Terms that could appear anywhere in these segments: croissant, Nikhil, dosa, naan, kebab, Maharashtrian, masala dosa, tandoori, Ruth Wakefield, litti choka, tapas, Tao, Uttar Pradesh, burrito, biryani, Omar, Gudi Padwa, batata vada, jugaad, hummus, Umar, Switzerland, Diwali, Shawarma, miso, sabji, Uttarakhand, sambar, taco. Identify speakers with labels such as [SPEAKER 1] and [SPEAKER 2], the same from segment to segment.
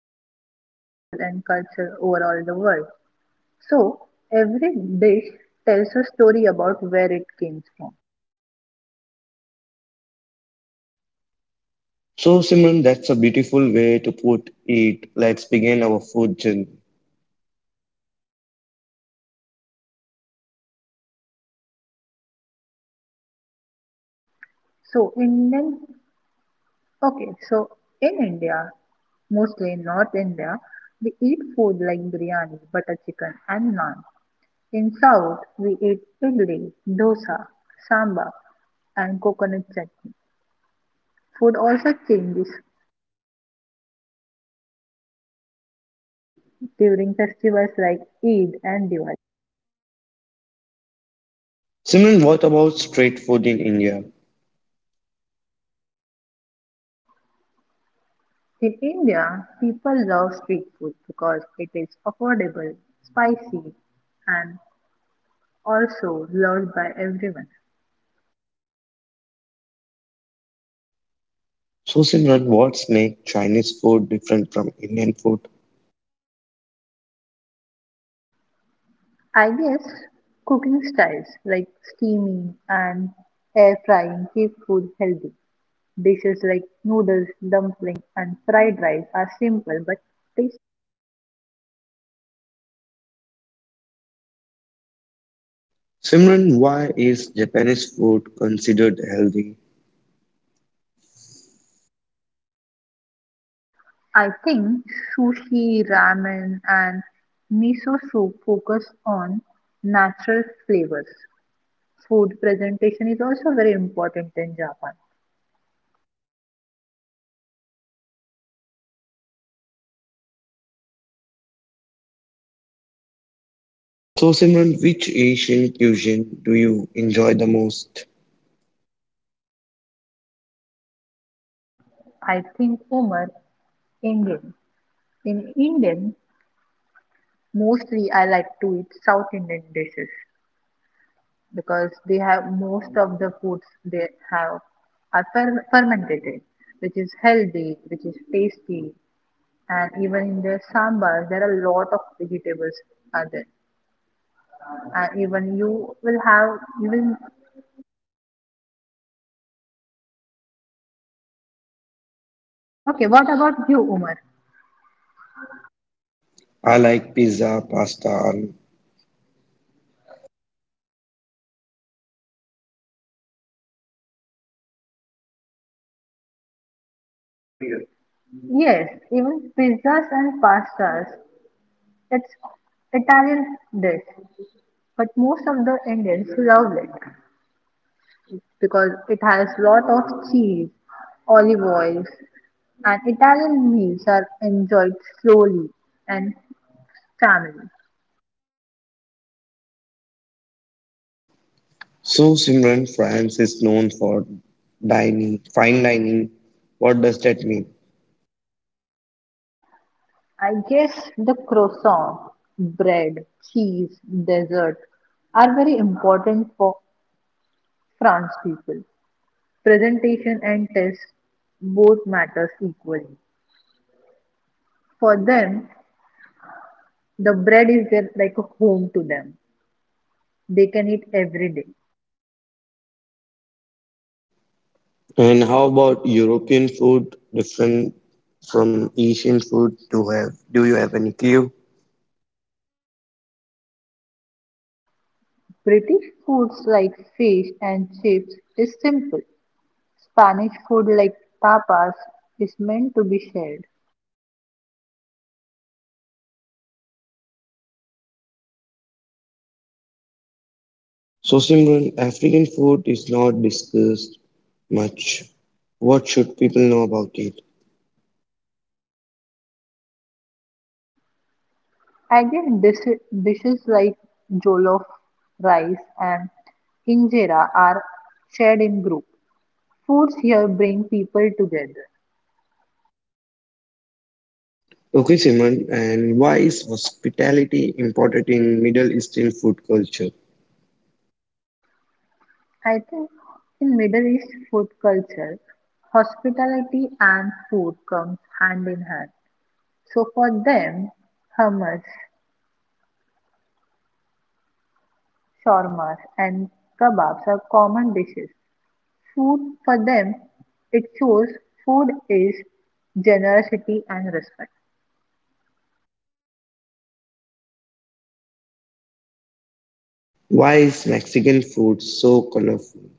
[SPEAKER 1] we are talking about food and culture overall the world. So, every dish tells a story about where it came from.
[SPEAKER 2] So Simran, that's a beautiful way to put it. Let's begin our food journey.
[SPEAKER 1] So, Indian, okay, so in India, mostly in North India, we eat food like biryani, butter chicken, and naan. In South, we eat idli, dosa, sambar, and coconut chutney. Food also changes during festivals like Eid and Diwali.
[SPEAKER 2] Simran, what about street food in India?
[SPEAKER 1] In India, people love street food because it is affordable, spicy, and also loved by everyone.
[SPEAKER 2] So Simran, what's make Chinese food different from Indian food?
[SPEAKER 1] I guess cooking styles like steaming and air frying keep food healthy. Dishes like noodles, dumpling, and fried rice are simple but tasty.
[SPEAKER 2] Simran, why is Japanese food considered healthy?
[SPEAKER 1] I think sushi, ramen, and miso soup focus on natural flavors. Food presentation is also very important in Japan.
[SPEAKER 2] So, Simran, which Asian cuisine do you enjoy the most?
[SPEAKER 1] I think Omar, Indian. In Indian, mostly I like to eat South Indian dishes because they have most of the foods they have are fermented, which is healthy, which is tasty, and even in their sambar there are a lot of vegetables are there. And even you will have even okay. What about you, Umar?
[SPEAKER 2] I like pizza, pasta.
[SPEAKER 1] Yes, even pizzas and pastas. It's Italian dish, but most of the Indians love it because it has lot of cheese, olive oils, and Italian meals are enjoyed slowly and family.
[SPEAKER 2] So, Simran, France is known for dining, fine dining. What does that mean?
[SPEAKER 1] I guess the croissant, bread, cheese, dessert are very important for France people. Presentation and taste both matters equally. For them, the bread is their, like a home to them. They can eat every day.
[SPEAKER 2] And how about European food, different from Asian food? Do you have any clue?
[SPEAKER 1] British foods like fish and chips is simple. Spanish food like tapas is meant to be shared.
[SPEAKER 2] So, Simran, African food is not discussed much. What should people know about it?
[SPEAKER 1] Again, dishes like jollof rice and injera are shared in group. Foods here bring people together.
[SPEAKER 2] Okay, Simon, and why is hospitality important in Middle Eastern food culture?
[SPEAKER 1] I think in Middle East food culture, hospitality and food comes hand in hand. So for them, hummus, Shawarmas and kebabs are common dishes. Food for them it shows food is generosity and respect.
[SPEAKER 2] Why is Mexican food so colorful?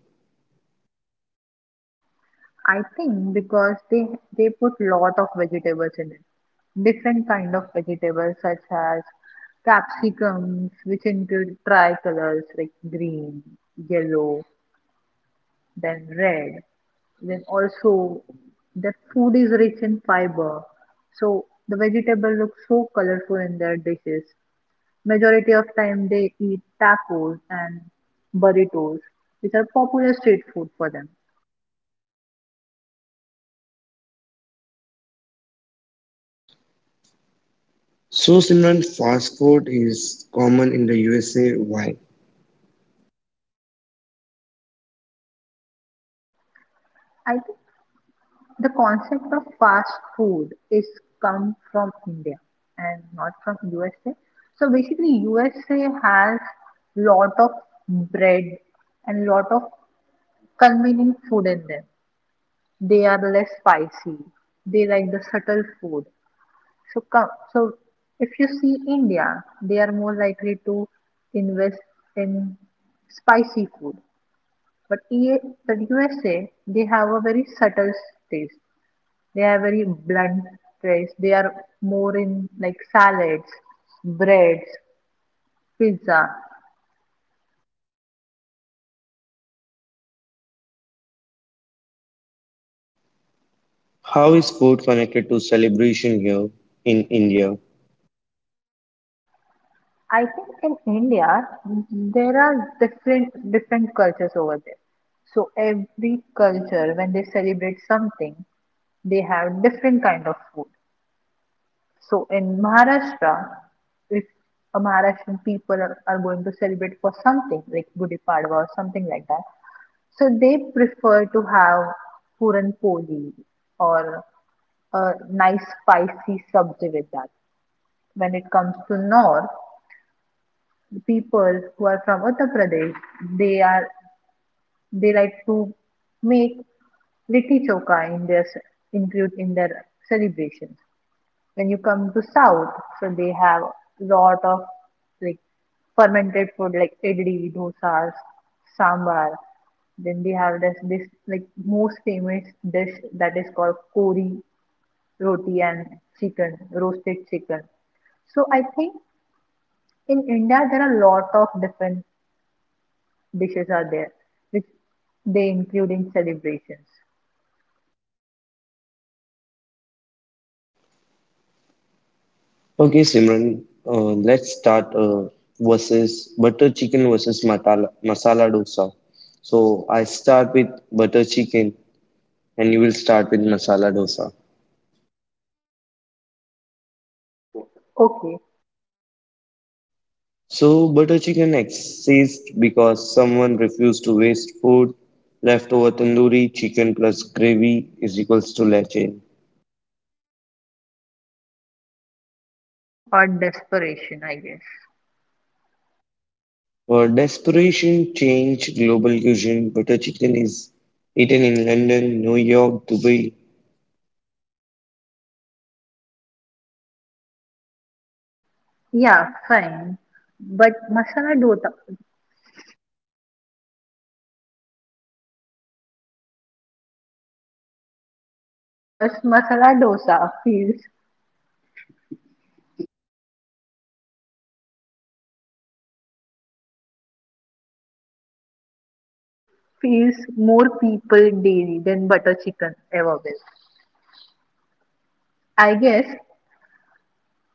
[SPEAKER 1] I think because they put lot of vegetables in it. Different kind of vegetables such as capsicums, which include tricolors like green, yellow, then red. Then also the food is rich in fiber, so the vegetable looks so colorful in their dishes. Majority of time they eat tacos and burritos, which are popular street food for them.
[SPEAKER 2] So, Simon, fast food is common in the USA. Why?
[SPEAKER 1] I think the concept of fast food is come from India and not from USA. So basically, USA has lot of bread and lot of convenient food in them. They are less spicy. They like the subtle food. So, come, so if you see India, they are more likely to invest in spicy food. But EA, the USA, they have a very subtle taste. They have very blunt taste. They are more in like salads, breads, pizza.
[SPEAKER 2] How is food connected to celebration here in India?
[SPEAKER 1] I think in India there are different different cultures over there. So every culture, when they celebrate something, they have different kind of food. So in Maharashtra, if a Maharashtrian people are going to celebrate for something like Gudi Padwa or something like that, so they prefer to have Puran Poli or a nice spicy sabji with that. When it comes to North, the people who are from Uttar Pradesh, they are they like to make litti choka in their include in their celebrations. When you come to South, so they have lot of like fermented food like idli, dosas, sambar. Then they have this like most famous dish that is called kori roti and chicken, roasted chicken. So I think in India there are lot of different dishes are there which they include in celebrations.
[SPEAKER 2] Okay, Simran, let's start versus butter chicken versus matala, masala dosa. So, I start with butter chicken and you will start with masala dosa.
[SPEAKER 1] Okay,
[SPEAKER 2] So, butter chicken exists because someone refused to waste food. Leftover tandoori chicken plus gravy is equals to leche.
[SPEAKER 1] or desperation, I guess.
[SPEAKER 2] For desperation change global cuisine, butter chicken is eaten in London, New York, Dubai.
[SPEAKER 1] Yeah, fine. But masala dota. But masala dosa feels more people daily than butter chicken ever will. I guess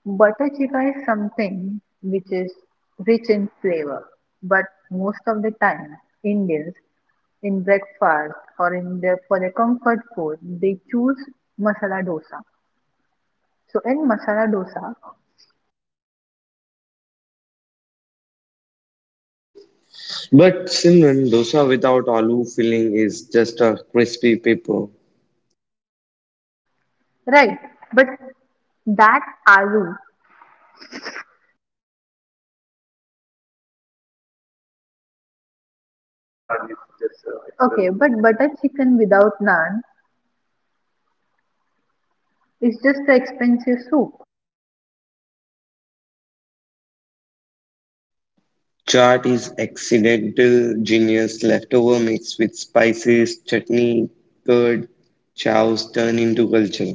[SPEAKER 1] butter chicken is something which is rich in flavor, but most of the time Indians in breakfast or in their for their comfort food they choose masala dosa. So in masala dosa,
[SPEAKER 2] But Simran, dosa without aloo filling is just a crispy paper.
[SPEAKER 1] right? But that aloo naan is just okay, but butter chicken without naan. It's just the expensive soup.
[SPEAKER 2] Chaat is accidental genius. Leftover mixed with spices, chutney, curd, chows turn into culture.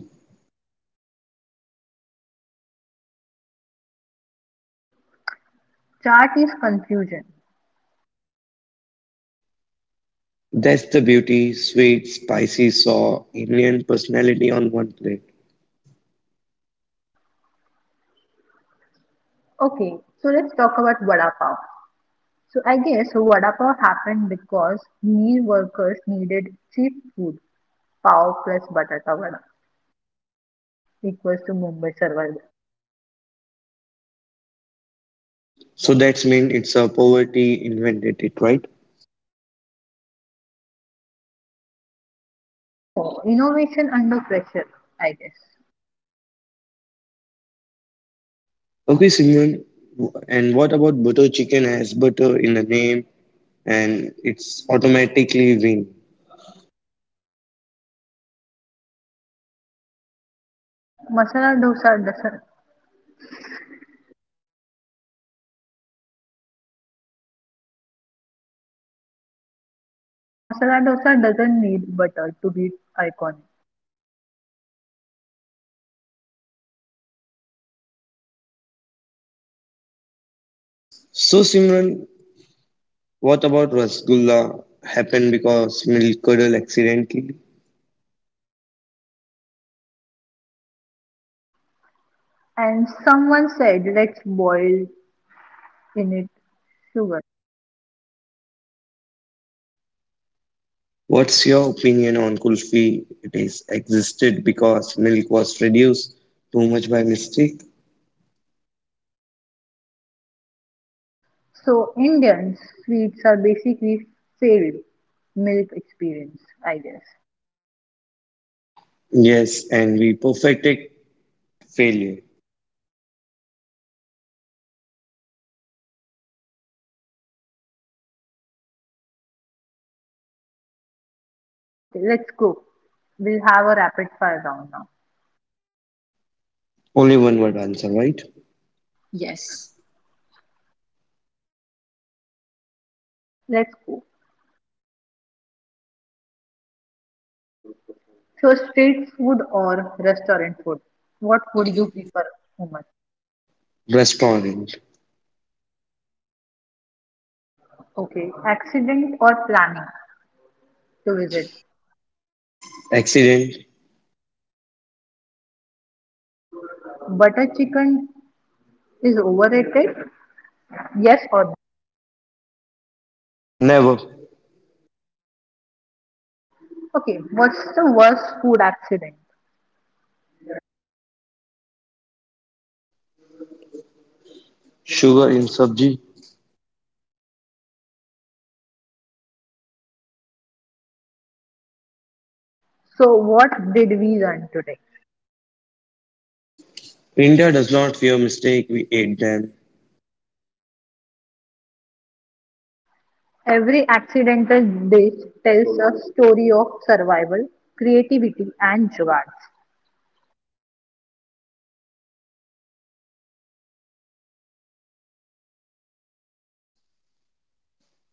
[SPEAKER 1] Chaat is confusion.
[SPEAKER 2] That's the beauty: sweet, spicy, sour, Indian personality on one plate.
[SPEAKER 1] Okay, so let's talk about vada pav. So I guess vada pav happened because meal workers needed cheap food. Pav plus batata vada equals to Mumbai survival.
[SPEAKER 2] So that's mean it's a poverty invented it, right?
[SPEAKER 1] No, innovation under pressure, I guess.
[SPEAKER 2] Okay, Simran. And what about butter chicken has butter in the name and it's automatically win?
[SPEAKER 1] Masala dosa doesn't. Masala dosa doesn't need butter to be iconic.
[SPEAKER 2] So Simran, what about Rasgulla happened because milk curdle accidentally?
[SPEAKER 1] And someone said let's boil in it sugar.
[SPEAKER 2] What's your opinion on kulfi? It is existed because milk was reduced too much by mistake.
[SPEAKER 1] So Indian sweets are basically failed milk experience, I guess.
[SPEAKER 2] Yes, and we perfected failure.
[SPEAKER 1] Okay, let's go. We'll have a rapid fire round now.
[SPEAKER 2] Only one word answer, right?
[SPEAKER 1] Yes, let's go. So street food or restaurant food? What would you prefer, Umar?
[SPEAKER 2] Restaurant.
[SPEAKER 1] Okay, accident or planning to visit?
[SPEAKER 2] Accident.
[SPEAKER 1] Butter chicken is overrated? Yes or no?
[SPEAKER 2] Never.
[SPEAKER 1] Okay, what's the worst food accident?
[SPEAKER 2] Sugar in sabji.
[SPEAKER 1] So what did we learn today?
[SPEAKER 2] India does not fear mistake, we ate them.
[SPEAKER 1] Every accidental dish tells a story of survival, creativity, and jugaad.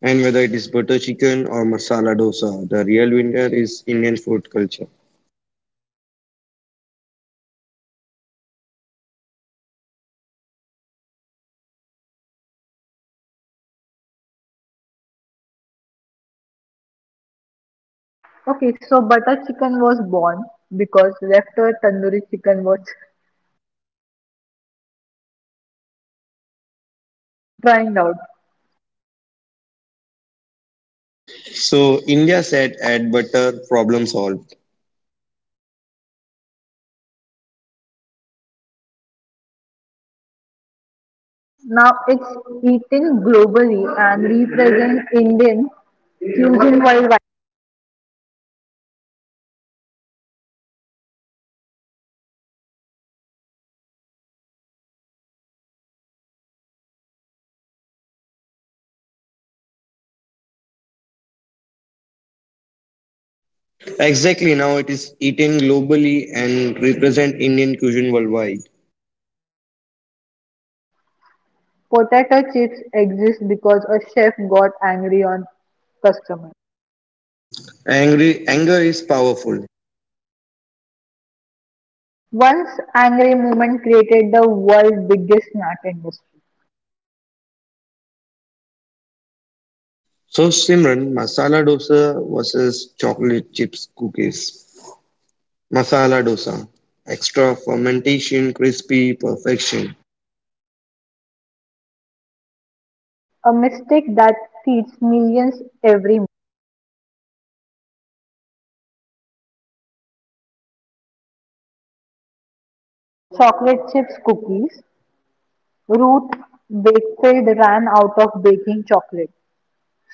[SPEAKER 2] And whether it is butter chicken or masala dosa, the real winner is Indian food culture.
[SPEAKER 1] Okay, so butter chicken was born because leftover tandoori chicken was drying out.
[SPEAKER 2] So India said add butter, problem solved.
[SPEAKER 1] Now it's eaten globally and represents Indian cuisine worldwide.
[SPEAKER 2] Exactly now it is eaten globally and represent Indian cuisine worldwide.
[SPEAKER 1] Potato chips exist because a chef got angry on customer.
[SPEAKER 2] Angry anger is powerful.
[SPEAKER 1] Once angry moment created the world's biggest snack industry.
[SPEAKER 2] So Simran, masala dosa versus chocolate chips cookies. Masala dosa. Extra fermentation, crispy perfection.
[SPEAKER 1] A mistake that feeds millions every month. Chocolate chips cookies. Ruth Wakefield ran out of baking chocolate.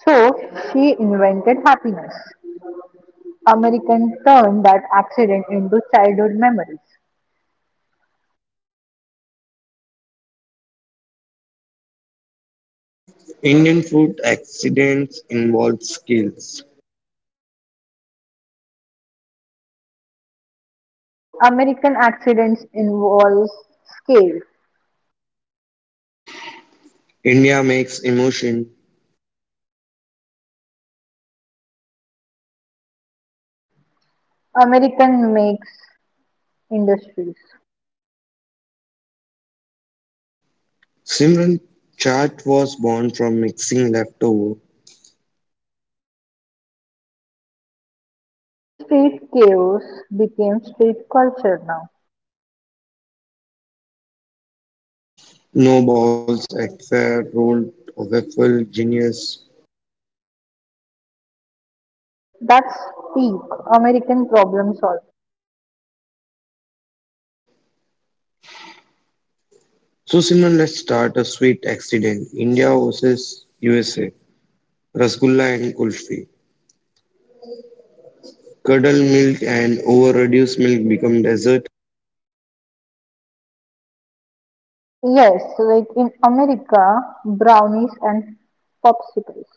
[SPEAKER 1] So she invented happiness. American turned that accident into childhood memories.
[SPEAKER 2] Indian food accidents involve skills.
[SPEAKER 1] American accidents involves scale.
[SPEAKER 2] India makes emotion.
[SPEAKER 1] American makes industries.
[SPEAKER 2] Simran, chaat was born from mixing leftover.
[SPEAKER 1] Street chaos became street culture now.
[SPEAKER 2] No balls at fair, rolled waffle, genius.
[SPEAKER 1] That's peak American problem solving.
[SPEAKER 2] So Simran, let's start a sweet accident. India versus USA. Rasgulla and kulfi. Curdled milk and over-reduced milk become dessert.
[SPEAKER 1] Yes, like in America, brownies and popsicles.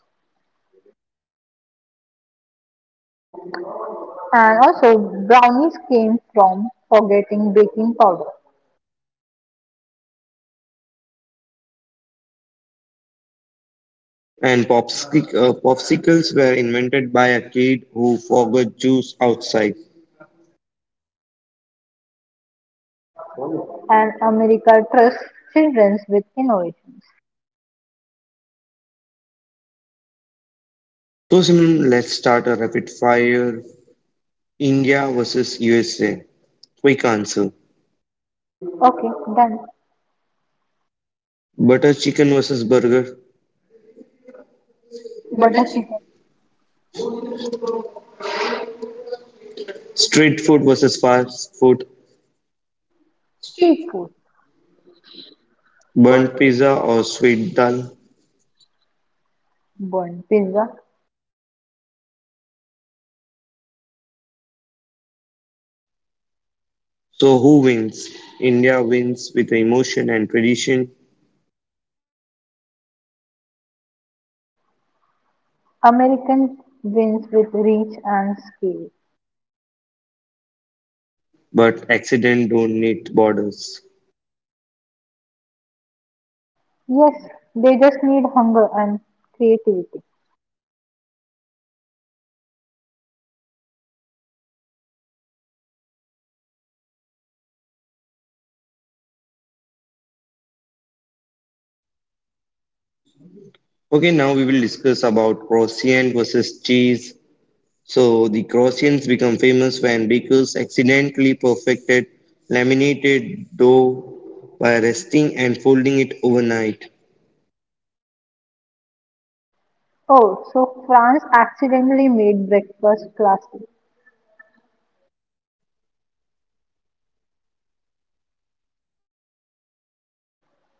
[SPEAKER 1] And also, brownies came from forgetting baking powder.
[SPEAKER 2] And popsicles were invented by a kid who forgot juice outside.
[SPEAKER 1] And America trusts children with innovations.
[SPEAKER 2] So, Simon, let's start a rapid fire. India versus USA. Quick answer.
[SPEAKER 1] Okay, done.
[SPEAKER 2] Butter chicken versus burger.
[SPEAKER 1] Butter chicken,
[SPEAKER 2] Street food versus fast food.
[SPEAKER 1] street food,
[SPEAKER 2] Burnt
[SPEAKER 1] burnt
[SPEAKER 2] pizza or sweet dal.
[SPEAKER 1] pizza.
[SPEAKER 2] So, who wins? India wins with emotion and tradition,
[SPEAKER 1] American wins with reach and scale.
[SPEAKER 2] but accident don't need borders.
[SPEAKER 1] Yes, they just need hunger and creativity.
[SPEAKER 2] Okay, now we will discuss about croissant versus cheese. So the Croatians become famous when bakers accidentally perfected laminated dough by resting and folding it overnight.
[SPEAKER 1] Oh, so France accidentally made breakfast classic.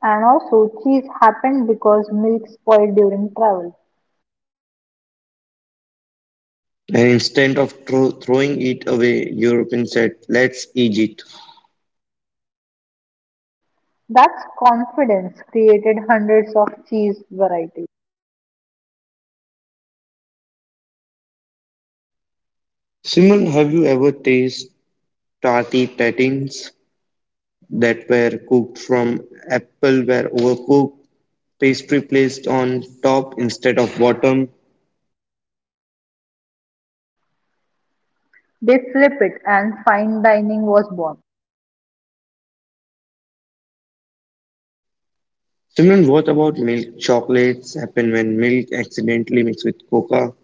[SPEAKER 1] And also, cheese happened because milk spoiled during travel.
[SPEAKER 2] And instead of throwing it away, Europeans said, let's eat it.
[SPEAKER 1] That's confidence created hundreds of cheese varieties.
[SPEAKER 2] Simon, have you ever tasted tarty tatins that were cooked from apple were overcooked, pastry placed on top instead of bottom?
[SPEAKER 1] They flip it and fine dining was born.
[SPEAKER 2] Simon, what about milk chocolates happen when milk accidentally mixed with coca?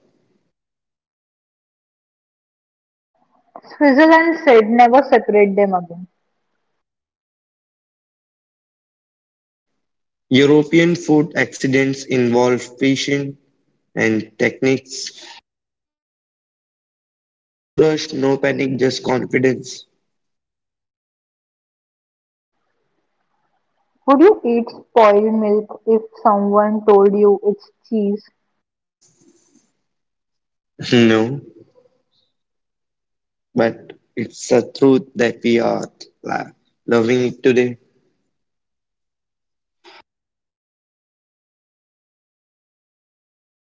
[SPEAKER 1] Switzerland said never separate them again.
[SPEAKER 2] European food accidents involve patience and techniques. No rush, no panic, just confidence.
[SPEAKER 1] Would you eat spoiled milk if someone told you it's cheese?
[SPEAKER 2] No, but it's a truth that we are la- loving it today.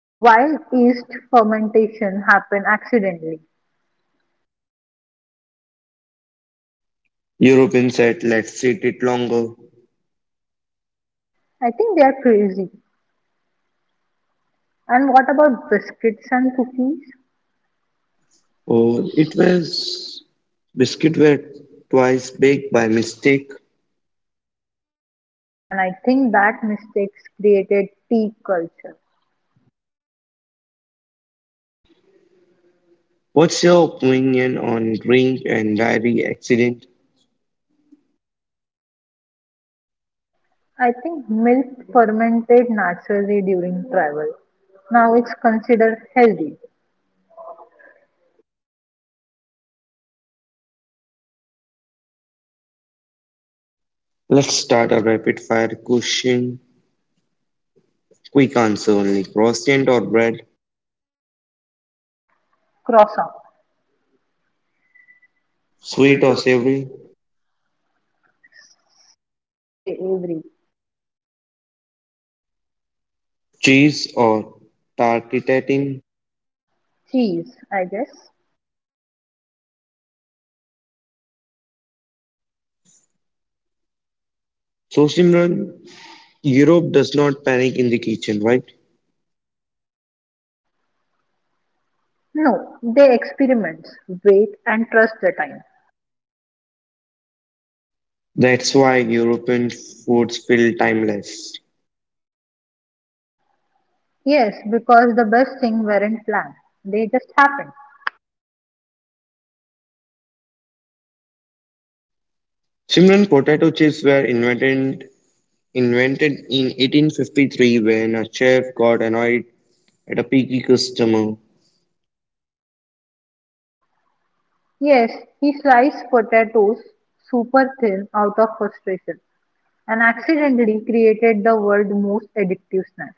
[SPEAKER 1] While yeast fermentation happened accidentally.
[SPEAKER 2] European said, let's eat it longer.
[SPEAKER 1] I think they are crazy. And what about biscuits and cookies?
[SPEAKER 2] Or it was biscuit were twice baked by mistake.
[SPEAKER 1] And I think that mistakes created tea culture.
[SPEAKER 2] What's your opinion on drink and diary accident?
[SPEAKER 1] I think milk fermented naturally during travel. Now it's considered healthy.
[SPEAKER 2] Let's start a rapid fire question. Quick answer only. Croissant or bread?
[SPEAKER 1] Croissant.
[SPEAKER 2] Sweet
[SPEAKER 1] Sweet
[SPEAKER 2] or
[SPEAKER 1] or.
[SPEAKER 2] savory,
[SPEAKER 1] They every
[SPEAKER 2] cheese or tartitatin.
[SPEAKER 1] cheese, I guess.
[SPEAKER 2] So, Simran, Europe does not panic in the kitchen, right?
[SPEAKER 1] No, they experiment, wait and trust the time.
[SPEAKER 2] That's why European foods feel timeless.
[SPEAKER 1] Yes, because the best thing weren't planned. They just happened.
[SPEAKER 2] Simran, potato chips were invented in 1853 when a chef got annoyed at a picky customer.
[SPEAKER 1] Yes, he sliced potatoes super thin out of frustration and accidentally created the world's most addictive snack.